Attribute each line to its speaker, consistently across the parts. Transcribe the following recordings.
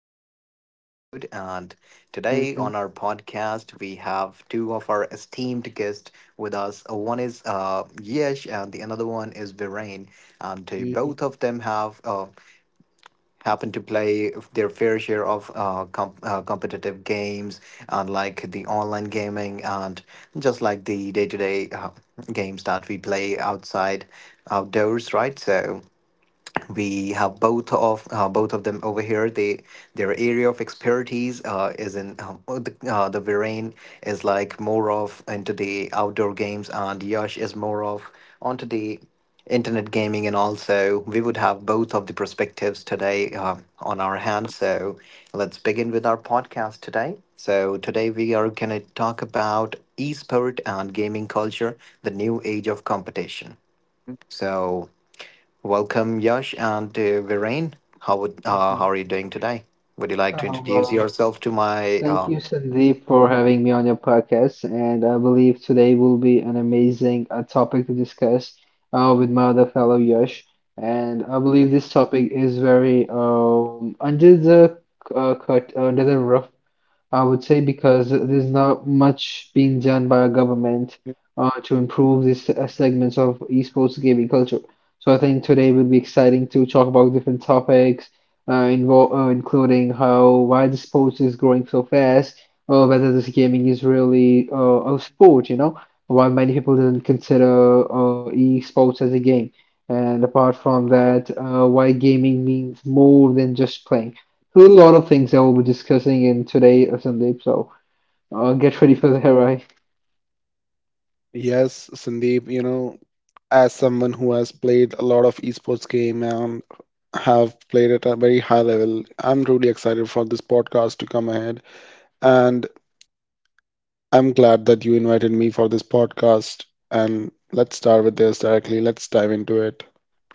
Speaker 1: our a new episode. And today
Speaker 2: Mhm,
Speaker 1: on our podcast, we have two of our esteemed guests with us. One is Yesh, and the another one is Viren. And
Speaker 2: mhm,
Speaker 1: both of them have happened to play their fair share of competitive games, and like the online gaming, and just like the day to day games that we play outside, outdoors, right? So we have both of them over here. They their area of expertise is in the Viren is like more of into the outdoor games, and Yash is more of onto the internet gaming. And also, we would have both of the perspectives today, on our hands. So let's begin with our podcast today. So today we are going to talk about esport and gaming culture, the new age of competition.
Speaker 2: mhm,
Speaker 1: So welcome, Yash and Viren. How
Speaker 2: mhm,
Speaker 1: are you doing today? Would you like to
Speaker 3: Oh,
Speaker 1: introduce
Speaker 3: well,
Speaker 1: yourself to my?
Speaker 3: thank you, Sandeep, for having me on your podcast. And I believe today will be an amazing topic to discuss with my other fellow Yash. And I
Speaker 2: mhm.
Speaker 3: believe this topic is very under the under the rough, I would say, because there's not much being done by our government to improve these segments of esports gaming culture. So I think today will be exciting to talk about different topics, invo including how why the sports is growing so fast, or whether this gaming is really a sport, you know, while many people didn't consider esports as a game. And apart from that, why gaming means more than just playing a lot of things that we'll be discussing in today, Sandeep. So get ready for that, right?
Speaker 2: Yes, Sandeep, you know, as someone who has played a lot of esports game and have played at a very high level, I'm really excited for this podcast to come ahead. And I'm glad that you invited me for this podcast. And let's start with this directly. Let's dive into it.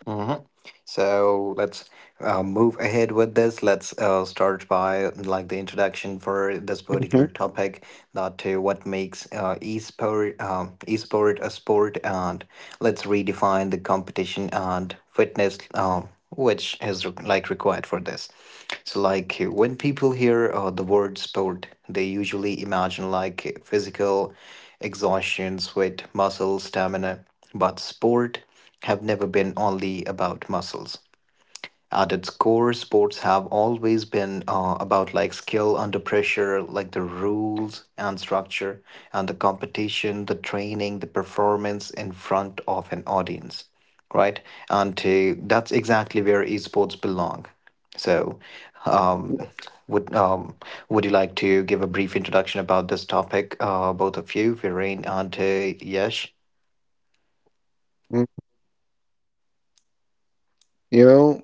Speaker 1: mhm. So let's move ahead with this. Let's start by like the introduction for this particular
Speaker 2: hmm
Speaker 1: topic, that what makes e sport a sport, and let's redefine the competition and fitness, which is like required for this. So, like when people hear the word sport, they usually imagine like physical exhaustion, sweat, muscle, stamina, but sport have never been only about muscles. At its core, sports have always been about like skill under pressure, like the rules and structure, and the competition, the training, the performance in front of an audience, right? And that's exactly where esports belong. So, would um, would you like to give a brief introduction about this topic, both of you, Viren and Yesh?
Speaker 2: You know,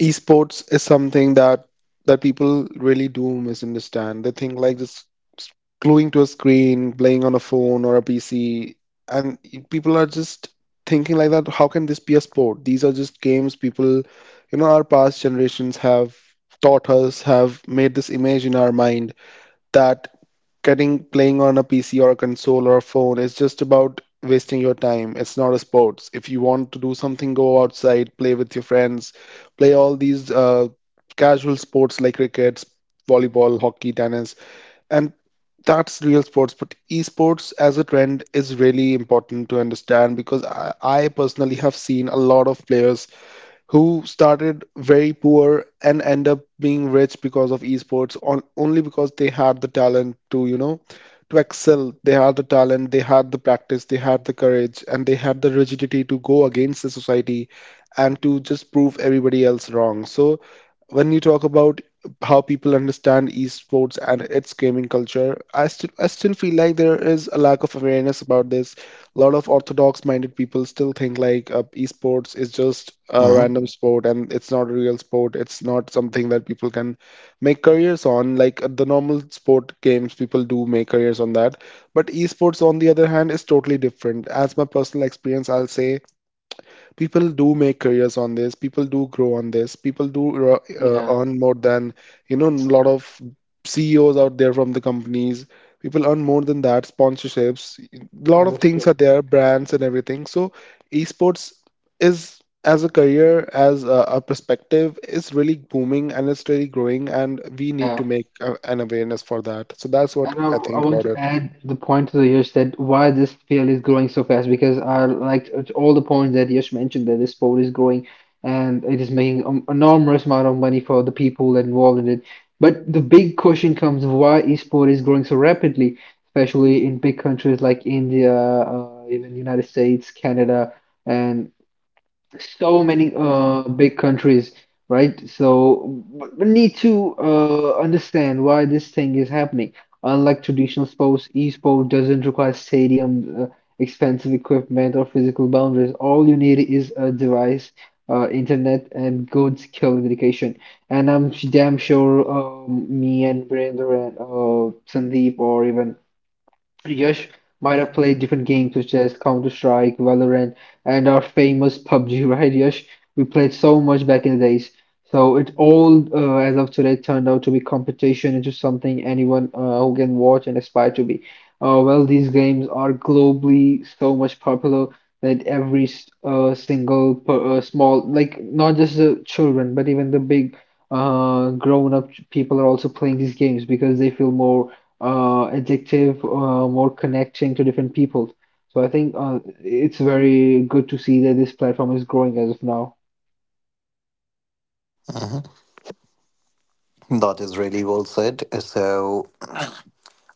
Speaker 2: esports is something that people really do misunderstand. They think like just s- gluing to a screen, playing on a phone or a PC, and people are just thinking like that. How can this be a sport? These are just games. People, you know, our past generations have taught us, have made this image in our mind that getting playing on a PC or a console or a phone is just about wasting your time. It's not a sports. If you want to do something, go outside, play with your friends, play all these casual sports like cricket, volleyball, hockey, tennis, and that's real sports. But esports as a trend is really important to understand because I personally have seen a lot of players who started very poor and end up being rich because of esports on only because they had the talent to, you know, to excel. They had the talent, they had the practice, they had the courage, and they had the rigidity to go against the society and to just prove everybody else wrong. So when you talk about how people understand esports and its gaming culture, I still feel like there is a lack of awareness about this. A lot of orthodox minded people still think like esports is just a
Speaker 1: Mhm.
Speaker 2: random sport and it's not a real sport. It's not something that people can make careers on. Like the normal sport games, people do make careers on that. But esports, on the other hand, is totally different. As my personal experience, I'll say people do make careers on this. People do grow on this. People do
Speaker 3: Yeah,
Speaker 2: earn more than, you know, a lot of CEOs out there from the companies. People earn more than that. Sponsorships, a lot of
Speaker 3: that's
Speaker 2: things are
Speaker 3: true.
Speaker 2: there, brands and everything. So, esports is as a career, as a perspective, is really booming and it's really growing, and we need to
Speaker 3: Yeah,
Speaker 2: make an awareness for that. So that's what
Speaker 3: and I,
Speaker 2: I
Speaker 3: I
Speaker 2: think
Speaker 3: want
Speaker 2: about
Speaker 3: to
Speaker 2: it.
Speaker 3: add the point to the Yash that why this field is growing so fast, because I liked it- all the points that Yash mentioned, that this sport is growing and it is making an enormous amount of money for the people involved in it. But the big question comes: why esport is growing so rapidly, especially in big countries like India, even United States, Canada, and so many big countries, right? So we need to understand why this thing is happening. Unlike traditional sports, esports doesn't require stadium, expensive equipment, or physical boundaries. All you need is a device, internet, and good skill and dedication. And I'm damn sure me and Brandon, and Sandeep, or even Yash might have played different games such as Counter-Strike, Valorant, and our famous PUBG, right, Yash? We played so much back in the days. So it all, as of today, turned out to be competition into something anyone who can watch and aspire to be. Well, these games are globally so much popular that every single small, like not just the children, but even the big grown-up people are also playing these games, because they feel more adjective more connecting to different people. So I think it's very good to see that this platform is growing as of now.
Speaker 1: That is really well said. So,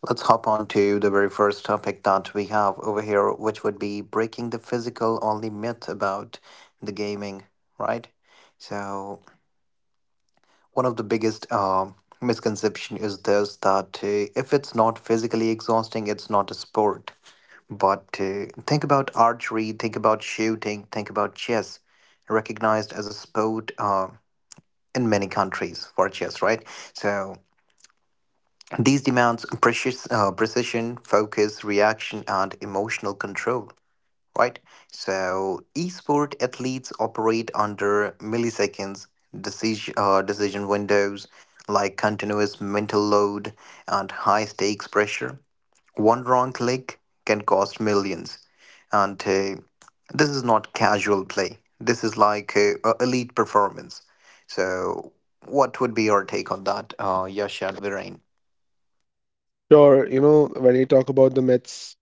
Speaker 1: let's hop on to the very first topic that we have over here, which would be breaking the physical only myth about the gaming, right? So, one of the biggest misconception is this, that if it's not physically exhausting, it's not a sport. But think about archery, think about shooting, think about chess, recognized as a sport in many countries for chess, right? So, these demands precision, focus, reaction, and emotional control, right? So, esport athletes operate under milliseconds decision windows, like continuous mental load and high stakes pressure. One wrong click can cost millions. And this is not casual play, this is like elite performance. So, what would be your take on that, Yash and Virain?
Speaker 2: Sure, you know, when you talk about the myths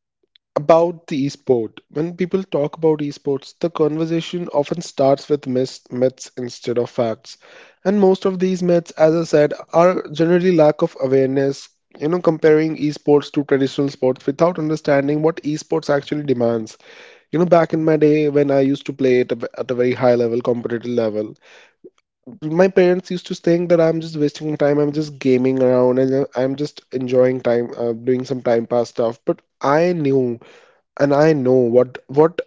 Speaker 2: about the esport. When people talk about esports, the conversation often starts with myths, myths instead of facts. And most of these myths, as I said, are generally lack of awareness, you know, comparing esports to traditional sports without understanding what esports actually demands. You know, back in my day when I used to play it at a very high level, competitive level, my parents used to think that I'm just wasting my time, I'm just gaming around and I'm just enjoying time, doing some time pass stuff. But I knew and I know what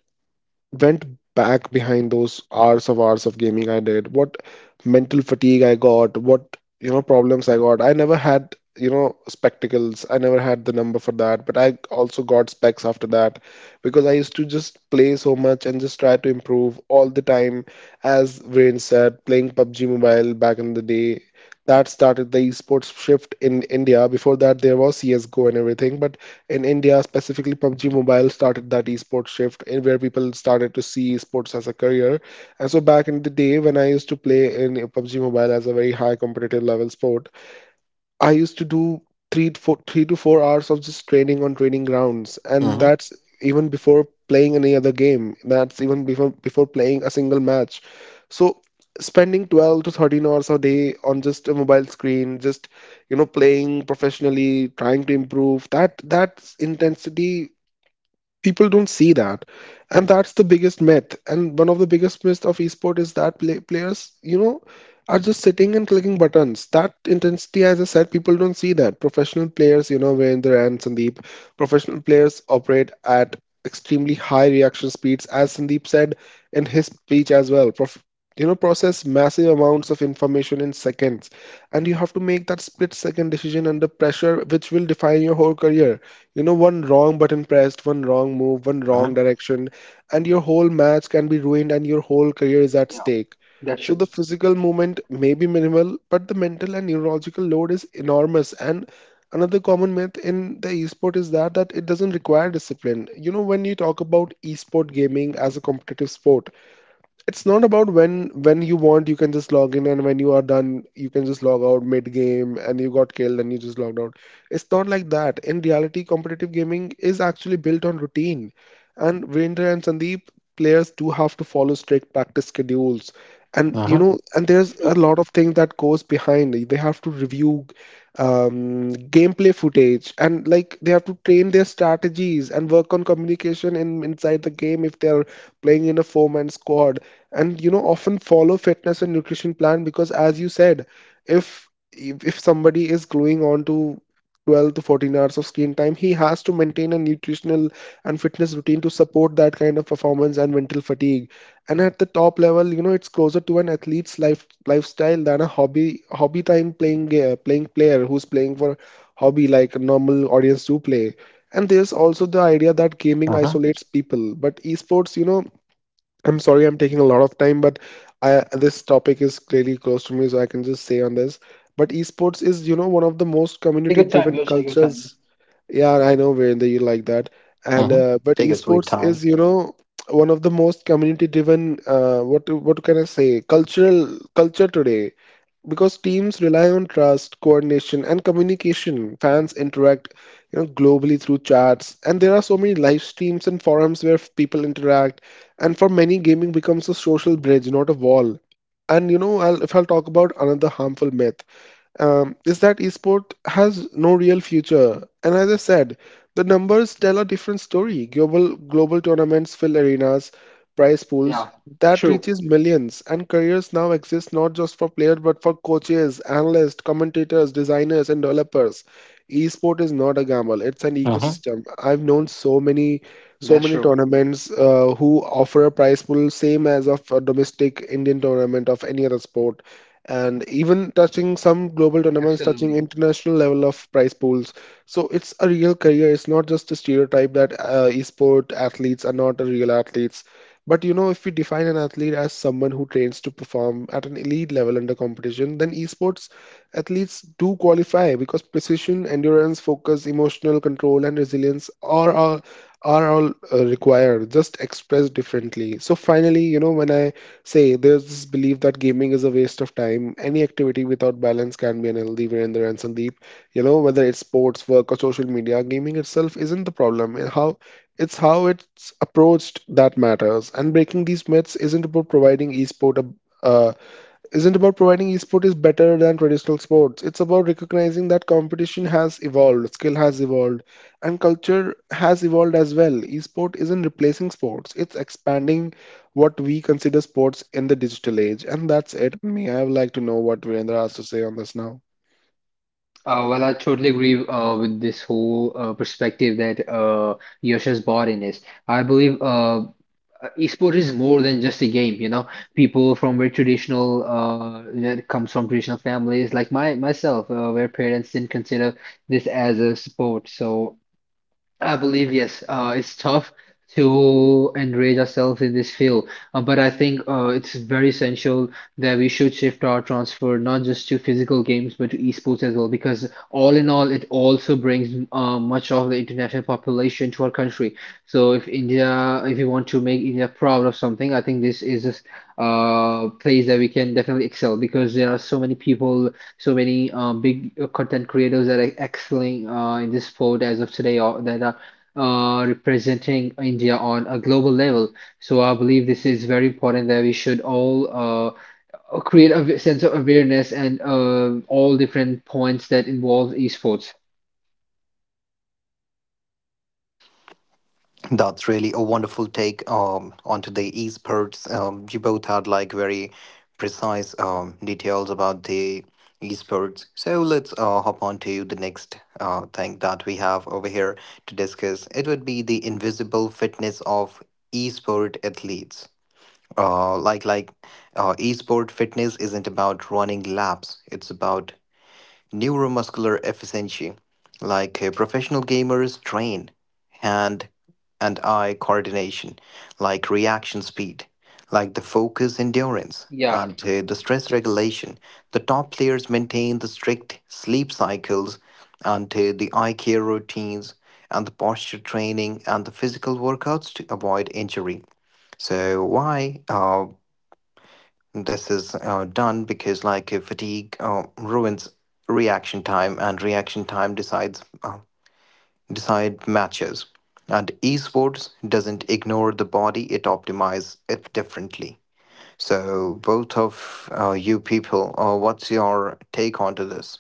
Speaker 2: went back behind those hours of gaming I did, what mental fatigue I got, what you know problems I got. I never had you know spectacles. I never had the number for that, but I also got specs after that because I used to just play so much and just try to improve all the time. As Rain said, playing PUBG Mobile back in the day. That started the esports shift in India. Before that, there was CS:GO and everything, but in India, specifically PUBG Mobile started that esports shift and where people started to see esports as a career. And so back in the day when I used to play in PUBG Mobile as a very high competitive level sport, I used to do three to four hours of just training on training grounds, and that's even before playing any other game. That's even before playing a single match. So spending 12 to 13 hours a day on just a mobile screen, just you know playing professionally, trying to improve, that intensity people don't see that, and that's the biggest myth. And one of the biggest myths of esport is that players, you know, are just sitting and clicking buttons. That intensity, as I said, people don't see that. Professional players, you know, Virender and Sandeep, professional players operate at extremely high reaction speeds. As Sandeep said in his speech as well, you know, process massive amounts of information in seconds, and you have to make that split second decision under pressure which will define your whole career. You know, one wrong button pressed, one wrong move, one
Speaker 1: Uh-huh.
Speaker 2: wrong direction, and your whole match can be ruined and your whole career is at
Speaker 3: Yeah,
Speaker 2: stake.
Speaker 3: that's
Speaker 2: So
Speaker 3: true.
Speaker 2: the physical movement may be minimal, but the mental and neurological load is enormous. And another common myth in the esport is that it doesn't require discipline. You know, when you talk about esport gaming as a competitive sport, it's not about when you want you can just log in and when you are done you can just log out mid game and you got killed and you just logged out. It's not like that. In reality, competitive gaming is actually built on routine, and Virender and Sandeep, players do have to follow strict practice schedules, and you
Speaker 3: Yeah,
Speaker 1: Uh-huh.
Speaker 2: know, and there's a lot
Speaker 3: true.
Speaker 2: of things that goes behind. They have to review gameplay footage, and like they have to train their strategies and work on communication in inside the game if they're playing in a four-man squad, and you know often follow fitness and nutrition plan because as you said, if if somebody is gluing on to 12 to 14 hours of screen time, he has to maintain a nutritional and fitness routine to support that kind of performance and mental fatigue. And at the top level, you know, it's closer to an athlete's lifestyle than a hobby time playing playing player who's playing for hobby like a normal audience do play. And there's also the idea that gaming
Speaker 1: Uh-huh.
Speaker 2: isolates people, but esports, you know, I'm sorry I'm taking a lot of time, but I, this topic is clearly close to me, so I can just say on this. But esports is, you know, one of the most
Speaker 3: Take your
Speaker 2: community-driven
Speaker 3: time, you take your time.
Speaker 2: cultures. Yeah, I know Virender, you like that. And
Speaker 1: Uh-huh.
Speaker 2: but
Speaker 1: Take a sweet
Speaker 2: esports is,
Speaker 1: time.
Speaker 2: you know, one of the most community-driven. What can I say? Cultural culture today because teams rely on trust, coordination, and communication. Fans interact, you know, globally through chats, and there are so many live streams and forums where people interact. And for many, gaming becomes a social bridge, not a wall. And you know, if I'll talk about another harmful myth, is that esport has no real future. And as I said, the numbers tell a different story. Global tournaments fill arenas, prize pools
Speaker 3: Yeah,
Speaker 2: that
Speaker 3: true.
Speaker 2: reaches millions, and careers now exist not just for players but for coaches, analysts, commentators, designers, and developers. Esport is not a gamble; it's an
Speaker 1: Uh-huh.
Speaker 2: ecosystem. I've known so many, so
Speaker 3: That's
Speaker 2: many
Speaker 3: true.
Speaker 2: tournaments who offer a prize pool same as of a domestic Indian tournament of any other sport, and even touching some global tournaments, touching
Speaker 3: Absolutely.
Speaker 2: international level of prize pools. So it's a real career. It's not just a stereotype that esport athletes are not real athletes. But you know, if we define an athlete as someone who trains to perform at an elite level under competition, then esports athletes do qualify because precision, endurance, focus, emotional control, and resilience are all required, just expressed differently. So finally, you know, when I say, there's this belief that gaming is a waste of time. Any activity without balance can be unhealthy, Virender and Sandeep. You know, whether it's sports, work, or social media, gaming itself isn't the problem. And how it's approached that matters. And breaking these myths isn't about a, uh, isn't about providing esport is better than traditional sports. It's about recognizing that competition has evolved, skill has evolved, and culture has evolved as well. Esport isn't replacing sports, it's expanding what we consider sports in the digital age. And that's it. Me, I would like to know what Virendra has to say on this now.
Speaker 3: Well, I totally agree with this whole perspective that Yash has brought in is. I believe esport is more than just a game, you know. People from very traditional, that comes from traditional families, like my myself, where parents didn't consider this as a sport. So I believe yes. It's tough to enrage ourselves in this field, but I think it's very essential that we should shift our transfer not just to physical games but to esports as well, because all in all, it also brings much of the international population to our country. So if India, if you want to make India proud of something, I think this is a place that we can definitely excel, because there are so many people, so many big content creators that are excelling in this sport as of today, or that are representing India on a global level. So I believe this is very important that we should all create a sense of awareness and all different points that involve esports.
Speaker 1: That's really a wonderful take, onto the esports. You both had like very precise details about the esports. So let's hop on to the next thing that we have over here to discuss. It would be the invisible fitness of esport athletes. Uh, like like esport fitness isn't about running laps. It's about neuromuscular efficiency, like professional gamers train hand and eye coordination, like reaction speed, like the focus endurance,
Speaker 3: Yeah.
Speaker 1: and the stress regulation. The top players maintain the strict sleep cycles and the eye care routines and the posture training and the physical workouts to avoid injury. So why? This is done because, like, fatigue ruins reaction time, and reaction time decide matches. And esports doesn't ignore the body; it optimizes it differently. So, both of you people, what's your take onto this?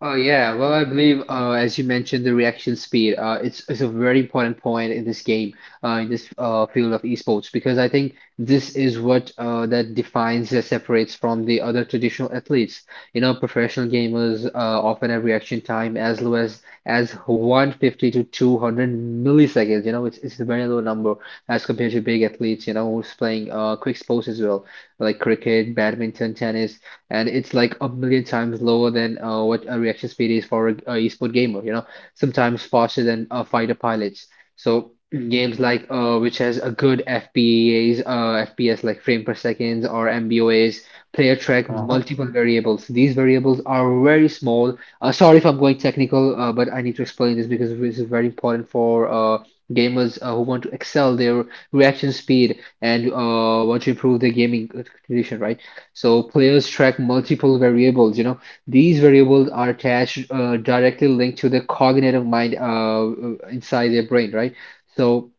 Speaker 3: Oh yeah, well, I believe as you mentioned the reaction speed, it's a very important point in this game, in this field of esports, because I think this is what that defines, that separates from the other traditional athletes. You know, professional gamers often have reaction time as low as 150 to 200 milliseconds. You know, it's a very low number as compared to big athletes, you know, who's playing quick sports as well like cricket, badminton, tennis, and it's like a million times lower than what a reaction speed is for a esport gamer, you know, sometimes faster than fighter pilots. So games like, which has a good FPS, like frame per seconds or MBOAs, player track
Speaker 1: Mm-hmm,
Speaker 3: multiple variables. These variables are very small. Sorry if I'm going technical, but I need to explain this because this is very important for gamers who want to excel their reaction speed and want to improve their gaming condition, right? So players track multiple variables. You know, these variables are attached, directly linked to the cognitive mind inside their brain, right? So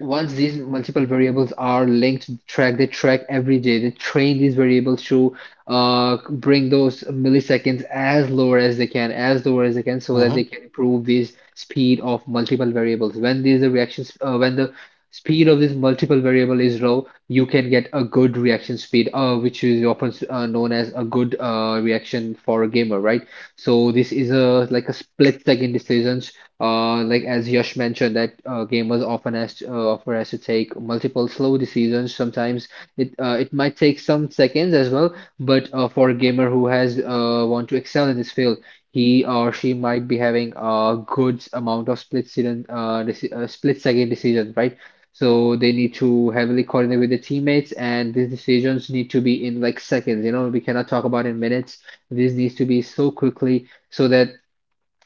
Speaker 3: once these multiple variables are linked to the track, they track every day. They train these variables to bring those milliseconds as lower as they can, as lower as they can, so that
Speaker 1: mm-hmm,
Speaker 3: they can improve these speed of multiple variables. When these are reactions, when the speed of this multiple variable is low, you can get a good reaction speed, which is often known as a good reaction for a gamer, right? So this is a like a split second decisions. Like as Yash mentioned, that gamers often often has to take multiple slow decisions. Sometimes it might take some seconds as well, but for a gamer who has want to excel in this field, he or she might be having a good amount of split second, split second decisions, right? So they need to heavily coordinate with the teammates, and these decisions need to be in like seconds. You know, we cannot talk about in minutes. This needs to be so quickly so that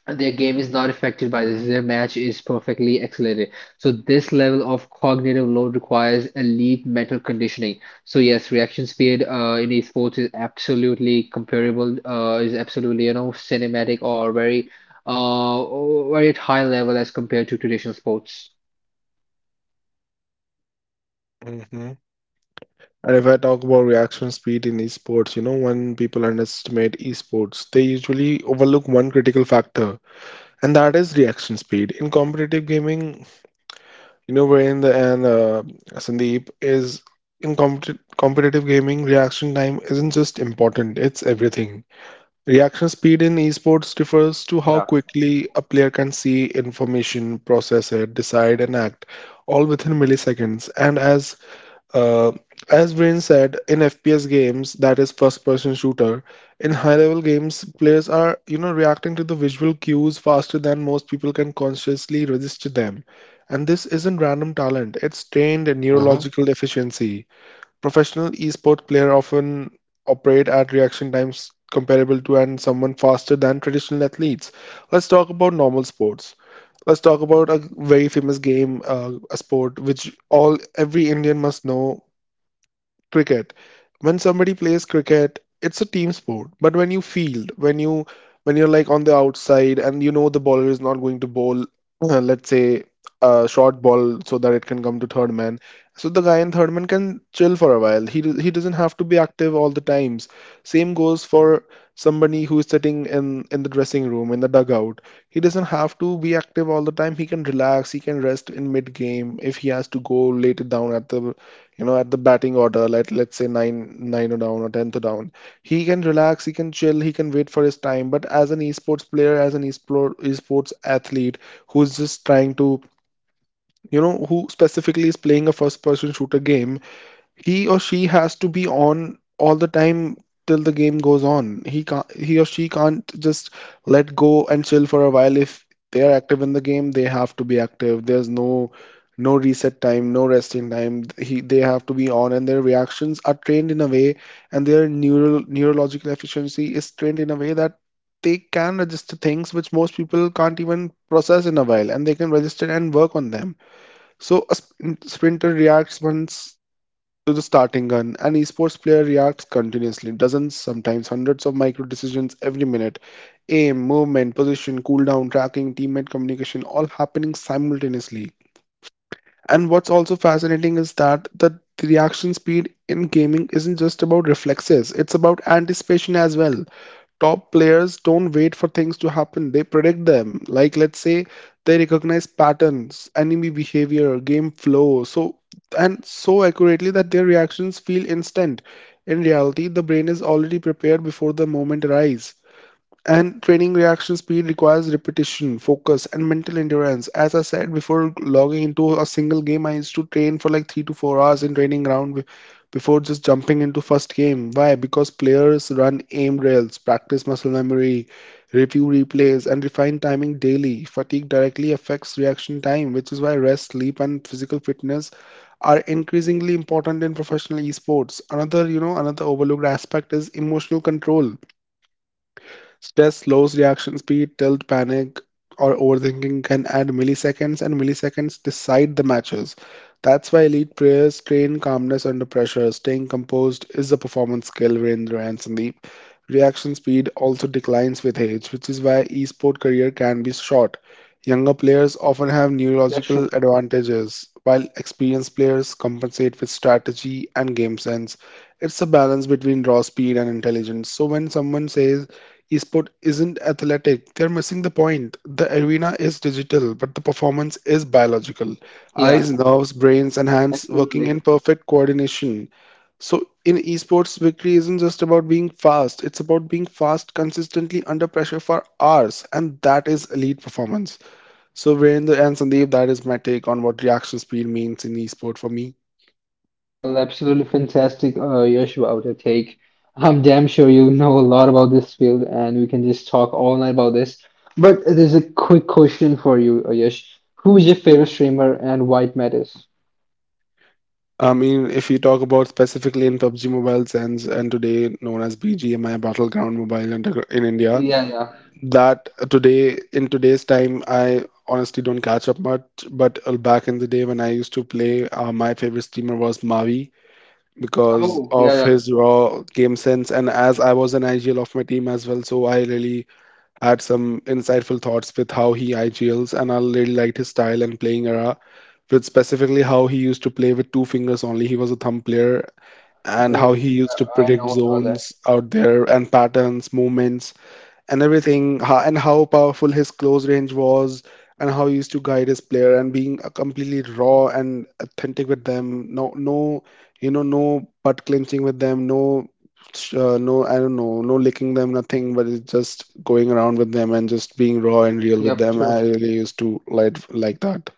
Speaker 3: their game is not affected by this. Their match is perfectly accelerated. So this level of cognitive load requires elite mental conditioning. So yes, reaction speed in esports is absolutely comparable. Is absolutely, you know, cinematic or very very at high level as compared to traditional sports.
Speaker 2: And if I talk about reaction speed in esports, you know, when people underestimate esports, they usually overlook one critical factor, and that is reaction speed. In competitive gaming, you know, where in the end, Sandeep, is in competitive gaming, reaction time isn't just important, it's everything. Reaction speed in esports refers to how
Speaker 3: Yeah,
Speaker 2: quickly a player can see information, process it, decide, and act, all within milliseconds. And uh, as Brain said, in FPS games, that is first-person shooter, in high-level games, players are, you know, reacting to the visual cues faster than most people can consciously register them. And this isn't random talent, it's trained in
Speaker 1: mm-hmm,
Speaker 2: neurological efficiency. Professional esport player often operate at reaction times comparable to and someone faster than traditional athletes. Let's talk about normal sports, let's talk about a very famous game, a sport which all every Indian must know, cricket. When somebody plays cricket, it's a team sport, but when you field when you when you're like on the outside and you know the bowler is not going to bowl, let's say a short ball, so that it can come to third man, so the guy in third man can chill for a while. He doesn't have to be active all the times. Same goes for somebody who is sitting in the dressing room, in the dugout. He doesn't have to be active all the time, he can relax, he can rest in mid game. If he has to go later down at the, you know, at the batting order, like let's say nine or down, or tenth down, he can relax, he can chill, he can wait for his time. But as an esports player, as an esports athlete who's just trying to, you know, who specifically is playing a first person shooter game, he or she has to be on all the time till the game goes on. He or she can't just let go and chill for a while. If they are active in the game, they have to be active. There's no reset time, no resting time. They have to be on, and their reactions are trained in a way, and their neural neurological efficiency is trained in a way that they can register things which most people can't even process in a while, and they can register and work on them. So a sprinter reacts once to the starting gun. An esports player reacts continuously, dozens, sometimes hundreds of micro decisions every minute. Aim, movement, position, cooldown, tracking, teammate communication, all happening simultaneously. And what's also fascinating is that the reaction speed in gaming isn't just about reflexes, it's about anticipation as well. Top players don't wait for things to happen, they predict them. Like let's say they recognize patterns, enemy behavior, game flow so, and so accurately that their reactions feel instant. In reality, the brain is already prepared before the moment arrives. And training reaction speed requires repetition, focus, and mental endurance. As I said before, logging into a single game, I used to train for like three to four hours in training ground before just jumping into first game. Why? Because players run aim drills, practice muscle memory, review replays, and refine timing daily. Fatigue directly affects reaction time, which is why rest, sleep, and physical fitness are increasingly important in professional esports. Another, you know, another overlooked aspect is emotional control. Stress slows reaction speed, tilt, panic, or overthinking can add milliseconds, and milliseconds decide the matches. That's why elite players train calmness under pressure. Staying composed is a performance skill, Virendra and Sandeep. Reaction speed also declines with age, which is why esport career can be short. Younger players
Speaker 3: yeah,
Speaker 2: often have
Speaker 3: that's
Speaker 2: neurological
Speaker 3: true.
Speaker 2: advantages, while experienced players compensate with strategy and game sense. It's a balance between raw speed and intelligence. So when someone says esport isn't athletic, they're missing the point. The arena is digital, but the performance is biological. Eyes,
Speaker 3: Yeah,
Speaker 2: nerves, brains, and hands working in
Speaker 3: absolutely.
Speaker 2: perfect coordination. So in esports, victory isn't just about being fast. It's about being fast consistently under pressure for hours, and that is elite performance. So Virendra and Sandeep, that is my take on what reaction speed means in esport for me.
Speaker 3: Well, absolutely fantastic, Yash, about your take. I'm damn sure you know a lot about this field, and we can just talk all night about this. But there's a quick question for you, Yash. Who is your favorite streamer and why it matters?
Speaker 2: I mean, if you talk about specifically in PUBG Mobile sense, and today known as BGMI Battleground Mobile in India,
Speaker 3: Yeah, yeah.
Speaker 2: that today, in today's time, I honestly don't catch up much. But back in the day when I used to play, my favorite streamer was Mavi, because
Speaker 3: Oh,
Speaker 2: of
Speaker 3: yeah,
Speaker 2: his raw game sense. And as I was an IGL of my team as well, so I really had some insightful thoughts with how he IGLs, and I really liked his style and playing era, with specifically how he used to play with two fingers only. He was a thumb player, and how
Speaker 3: yeah.
Speaker 2: he used to
Speaker 3: I
Speaker 2: predict
Speaker 3: know about that.
Speaker 2: zones out there and patterns, movements and everything, and how powerful his close range was, and how he used to guide his player, and being completely raw and authentic with them. No, no, you know, no butt clenching with them, no, no, I don't know, no licking them, nothing, but it's just going around with them and just being raw and real with
Speaker 3: Yep,
Speaker 2: them. I
Speaker 3: true.
Speaker 2: really used to like that.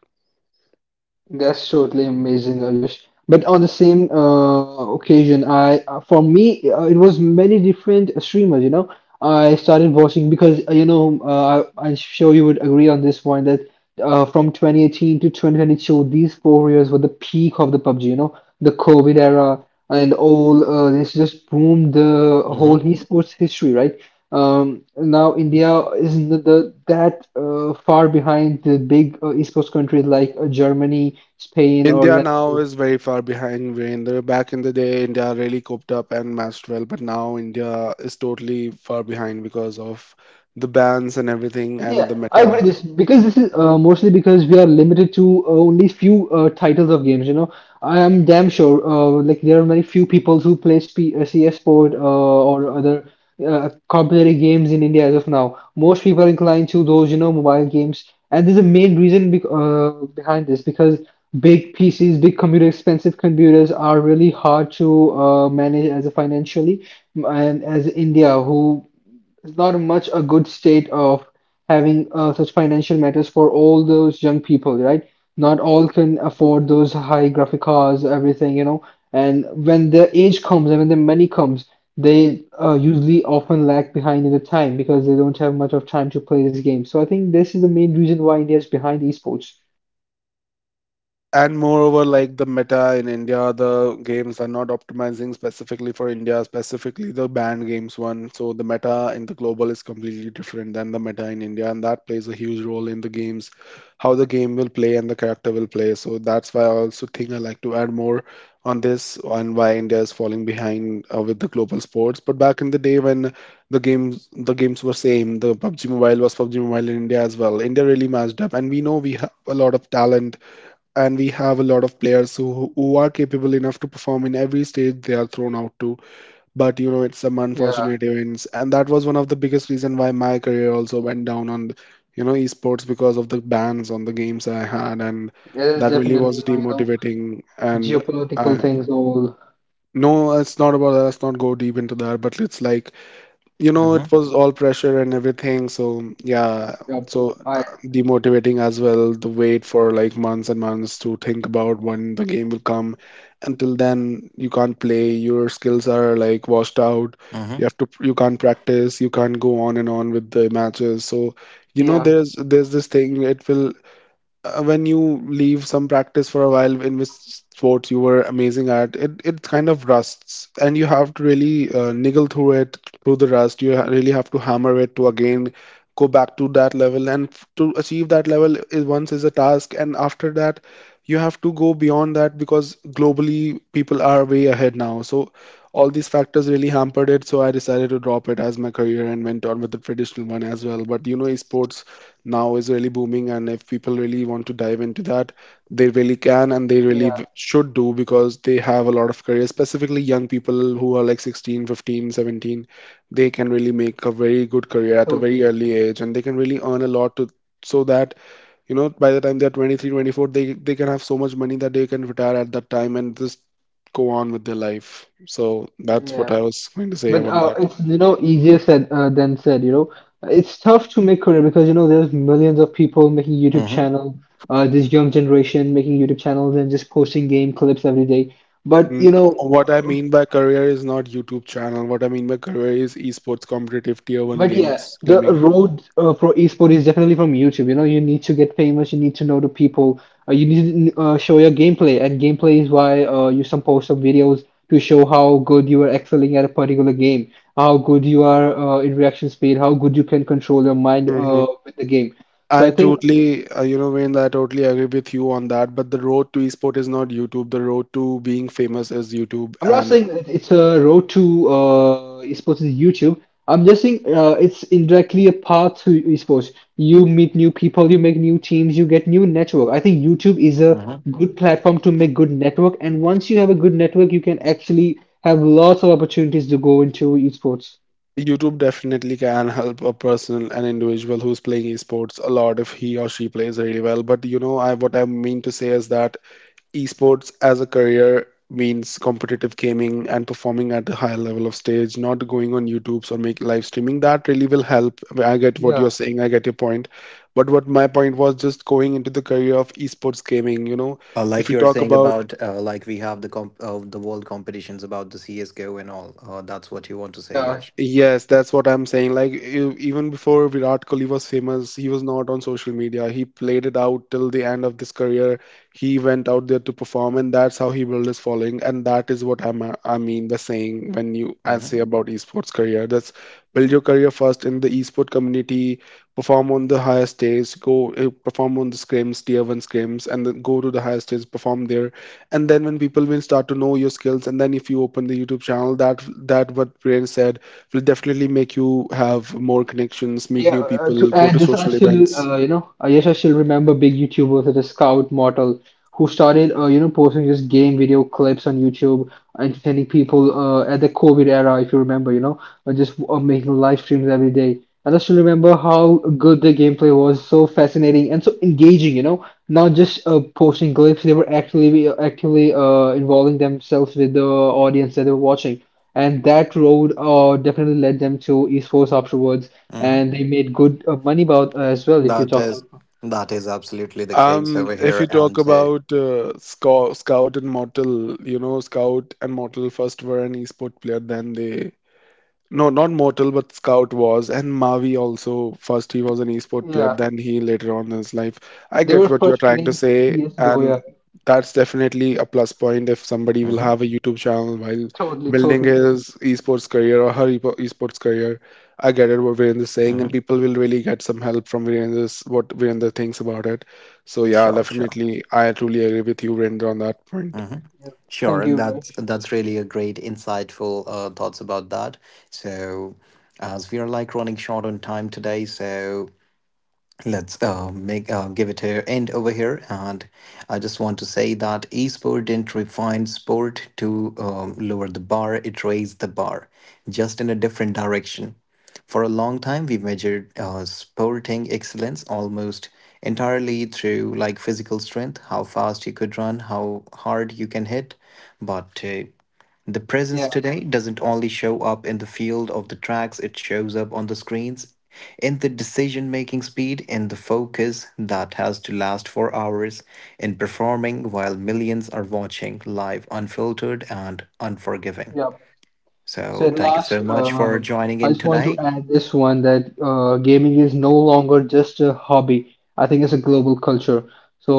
Speaker 3: That's totally amazing, Ayush. But on the same occasion, I for me, it was many different streamers. You know, I started watching because, you know, I'm sure you would agree on this point that from 2018 to 2022, these four years were the peak of the PUBG. You know, the COVID era and all this just boomed the whole
Speaker 1: mm-hmm,
Speaker 3: esports history, right? Now India isn't that far behind the big esports countries like Germany, Spain, or
Speaker 2: India
Speaker 3: let's
Speaker 2: now
Speaker 3: say.
Speaker 2: is very far behind, when the back in the day India really coped up and matched well, but now India is totally far behind because of the bans and everything
Speaker 3: Yeah,
Speaker 2: and the
Speaker 3: I agree
Speaker 2: meta.
Speaker 3: this because this is mostly because we are limited to only few titles of games. You know, I am damn sure, like there are very few people who play SP uh, CS Sport or other competitive games in India as of now. Most people are inclined to those, you know, mobile games, and there's a main reason bec behind this because big PCs, big computer, expensive computers are really hard to manage as a financially, and as India who it's not much a good state of having such financial matters for all those young people, right? Not all can afford those high graphic cards, everything, you know. And when their age comes and when their money comes, they usually often lag behind in the time because they don't have much of time to play this game. So I think this is the main reason why India is behind esports.
Speaker 2: And moreover, like the meta in India, the games are not optimizing specifically for India, specifically the banned games one. So the meta in the global is completely different than the meta in India, and that plays a huge role in the games, how the game will play and the character will play. So that's why I also think I like to add more on this, and why India is falling behind with the global sports. But back in the day, when the games were same, the PUBG Mobile was PUBG Mobile in India as well, India really matched up, and we know we have a lot of talent, and we have a lot of players who are capable enough to perform in every stage they are thrown out to. But you know, it's some
Speaker 3: Yeah,
Speaker 2: unfortunate events, and that was one of the biggest reason why my career also went down on, you know, esports because of the bans on the games I had, and
Speaker 3: yes,
Speaker 2: that really
Speaker 3: definitely.
Speaker 2: was
Speaker 3: You know,
Speaker 2: demotivating. And
Speaker 3: geopolitical
Speaker 2: uh,
Speaker 3: things all.
Speaker 2: no, it's not about that. Let's not go deep into that. But it's like, you know, it
Speaker 1: mm-hmm,
Speaker 3: Uh,
Speaker 2: was all pressure and everything, so yeah.
Speaker 3: yeah,
Speaker 2: So
Speaker 3: I
Speaker 2: demotivating as well, the wait for like months and months to think about when the game will come. Until then, you can't play, your skills are like washed out,
Speaker 1: mm-hmm,
Speaker 2: you have to, you can't practice, you can't go on and on with the matches. So you know,
Speaker 3: yeah,
Speaker 2: there's this thing, it will, when you leave some practice for a while in which sports you were amazing at, it kind of rusts, and you have to really niggle through it, through the rust. You really have to hammer it to again go back to that level, and to achieve that level is once is a task, and after that, you have to go beyond that because globally people are way ahead now. So all these factors really hampered it, so I decided to drop it as my career and went on with the traditional one as well. But you know, esports now is really booming, and if people really want to dive into that, they really can, and they really
Speaker 3: yeah,
Speaker 2: should do, because they have a lot of careers, specifically young people who are like 16 15 17, they can really make a very good career at a
Speaker 3: totally.
Speaker 2: very early age, and they can really earn a lot to. So that you know by the time they're 23 24, they can have so much money that they can retire at that time and just go on with their life. So that's
Speaker 3: Yeah.
Speaker 2: what I was going to say
Speaker 3: But
Speaker 2: about that.
Speaker 3: it's, you know, easier said than said. You know, it's tough to make career because, you know, there's millions of people making YouTube
Speaker 1: mm-hmm.
Speaker 3: channel. This young generation making YouTube channels and just posting game clips every day. But
Speaker 2: Mm,
Speaker 3: you know,
Speaker 2: what I mean by career is not YouTube channel. What I mean by career is esports competitive tier one
Speaker 3: but yeah,
Speaker 2: games
Speaker 3: the
Speaker 2: gaming.
Speaker 3: road for esport is definitely from YouTube. You know, you need to get famous, you need to know the people, you need to show your gameplay, and gameplay is why, you some post some videos to show how good you are excelling at a particular game, how good you are in reaction speed, how good you can control your mind
Speaker 2: Mhm.
Speaker 3: with the game. So
Speaker 2: I
Speaker 3: I think
Speaker 2: totally, you know, Wayne, I totally agree with you on that. But the road to esport is not YouTube. The road to being famous is
Speaker 3: no, no,
Speaker 2: YouTube,
Speaker 3: I'm not
Speaker 2: and
Speaker 3: saying that it's a road to esports is YouTube. I'm just saying it's indirectly a path to esports. You meet new people, you make new teams, you get new network. I think YouTube is a
Speaker 1: Uh,
Speaker 3: good platform to make good network, and once you have a good network, you can actually have lots of opportunities to go into esports.
Speaker 2: YouTube definitely can help a person, an individual who's playing esports a lot, if he or she plays really well. But you know, I, what I mean to say is that esports as a career means competitive gaming and performing at a higher level of stage, not going on YouTube's or make live streaming. That really will help. I mean, I get what
Speaker 3: Yeah,
Speaker 2: you're saying. I get your point. But what my point was just going into the career of esports gaming, you know, if
Speaker 1: like
Speaker 2: we
Speaker 1: you were
Speaker 2: talk
Speaker 1: saying
Speaker 2: about,
Speaker 1: about, like we have the world competitions about the CS:GO and all. That's what you want to say,
Speaker 3: yeah,
Speaker 1: Yash.
Speaker 2: yes, that's what I'm saying. Like, even before Virat Kohli was famous, he was not on social media. He played it out till the end of this career. He went out there to perform, and that's how he built his following. And that is what I'm, I mean by saying when you I say about esports career. That's build your career first in the esport community, perform on the higher stage, go perform on the scrims, tier one scrims, and then go to the higher stage, perform there. And then when people will start to know your skills, and then if you open the YouTube channel, that that what Priyan said will definitely make you have
Speaker 3: yeah.
Speaker 2: more connections, meet
Speaker 3: Yeah,
Speaker 2: new
Speaker 3: to
Speaker 2: people, go
Speaker 3: add
Speaker 2: to
Speaker 3: this, I
Speaker 2: social
Speaker 3: still,
Speaker 2: events.
Speaker 3: you know, I guess I still remember big YouTubers such as Scout Mortal, who started, you know, posting just game video clips on YouTube, entertaining people at the COVID era, if you remember, you know, just making live streams every day. And I still remember how good the gameplay was, so fascinating and so engaging, you know, not just posting clips, they were actually actively involving themselves with the audience that they were watching. And that road definitely led them to esports afterwards,
Speaker 1: Mhm.
Speaker 3: and they made good money about as well. If you
Speaker 1: That
Speaker 3: talk
Speaker 1: is
Speaker 3: about,
Speaker 1: that is absolutely the case over
Speaker 2: If you
Speaker 1: here,
Speaker 2: talk
Speaker 1: and
Speaker 2: about Scout, and Mortal, you know, Scout and Mortal first were an esport player, then they, no, not Mortal, but Scout was, and Mavi also. First, he was an esport player,
Speaker 3: yeah,
Speaker 2: then he later on in his life. I
Speaker 3: they
Speaker 2: get
Speaker 3: were
Speaker 2: what you're
Speaker 3: first
Speaker 2: trying to
Speaker 3: playing
Speaker 2: say,
Speaker 3: CS:GO.
Speaker 2: and
Speaker 3: Yeah,
Speaker 2: that's definitely a plus point if somebody will
Speaker 1: mhm,
Speaker 2: have a YouTube channel while
Speaker 3: totally,
Speaker 2: building
Speaker 3: totally.
Speaker 2: his esports career, or her esports career. I get it what Virendra's saying, and
Speaker 1: mhm.
Speaker 2: people will really get some help from Virendra's, what Virendra thinks about it. So yeah,
Speaker 1: Sure, sure,
Speaker 2: definitely, I truly agree with you, Virendra, on that point.
Speaker 1: hmm,
Speaker 3: Yeah.
Speaker 1: sure.
Speaker 3: Thank
Speaker 1: And
Speaker 3: you, Vish.
Speaker 1: that's really a great insightful thoughts about that. So, as we are like running short on time today, so let's make give it a end over here, and I just want to say that esport didn't refine sport to lower the bar; it raised the bar, just in a different direction. For a long time, we measured sporting excellence almost entirely through like physical strength, how fast you could run, how hard you can hit, but the presence
Speaker 3: Yeah,
Speaker 1: today doesn't only show up in the field of the tracks, it shows up on the screens, in the decision making speed, in the focus that has to last for hours, in performing while millions are watching live, unfiltered and unforgiving.
Speaker 3: yeah. So
Speaker 1: So,
Speaker 3: at
Speaker 1: thank you
Speaker 3: last,
Speaker 1: so much for joining
Speaker 3: I
Speaker 1: in
Speaker 3: just want to
Speaker 1: today.
Speaker 3: add this one that gaming is no longer just a hobby. I think it's a global culture.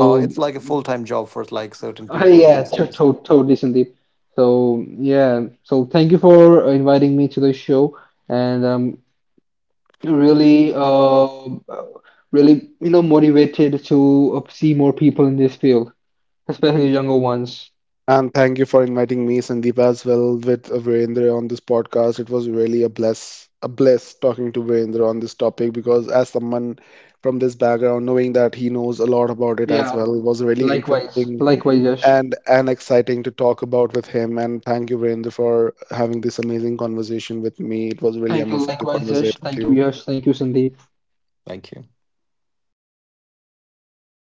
Speaker 1: It's like a full time job for like certain people
Speaker 3: yeah,
Speaker 1: these
Speaker 3: to
Speaker 1: days.
Speaker 3: to totally, Sandeep. So yeah, so thank you for inviting me to the show, and really really, you know, motivated to see more people in this field, especially younger ones.
Speaker 2: And thank you for inviting me, Sandeep, as well, with Virendra on this podcast. It was really a bless talking to Virendra on this topic, because as someone from this background, knowing that he knows a lot about it as
Speaker 3: Yeah,
Speaker 2: well, it was really
Speaker 3: likewise,
Speaker 2: interesting
Speaker 3: likewise, Yash.
Speaker 2: and exciting to talk about with him. And thank you, Virendra, for having this amazing conversation with me. It was really
Speaker 3: Thank you,
Speaker 2: amazing to
Speaker 3: likewise, Yash.
Speaker 2: conversate with
Speaker 3: Thank you,
Speaker 2: you.
Speaker 3: Yash. Thank you, Sandeep.
Speaker 1: Thank you.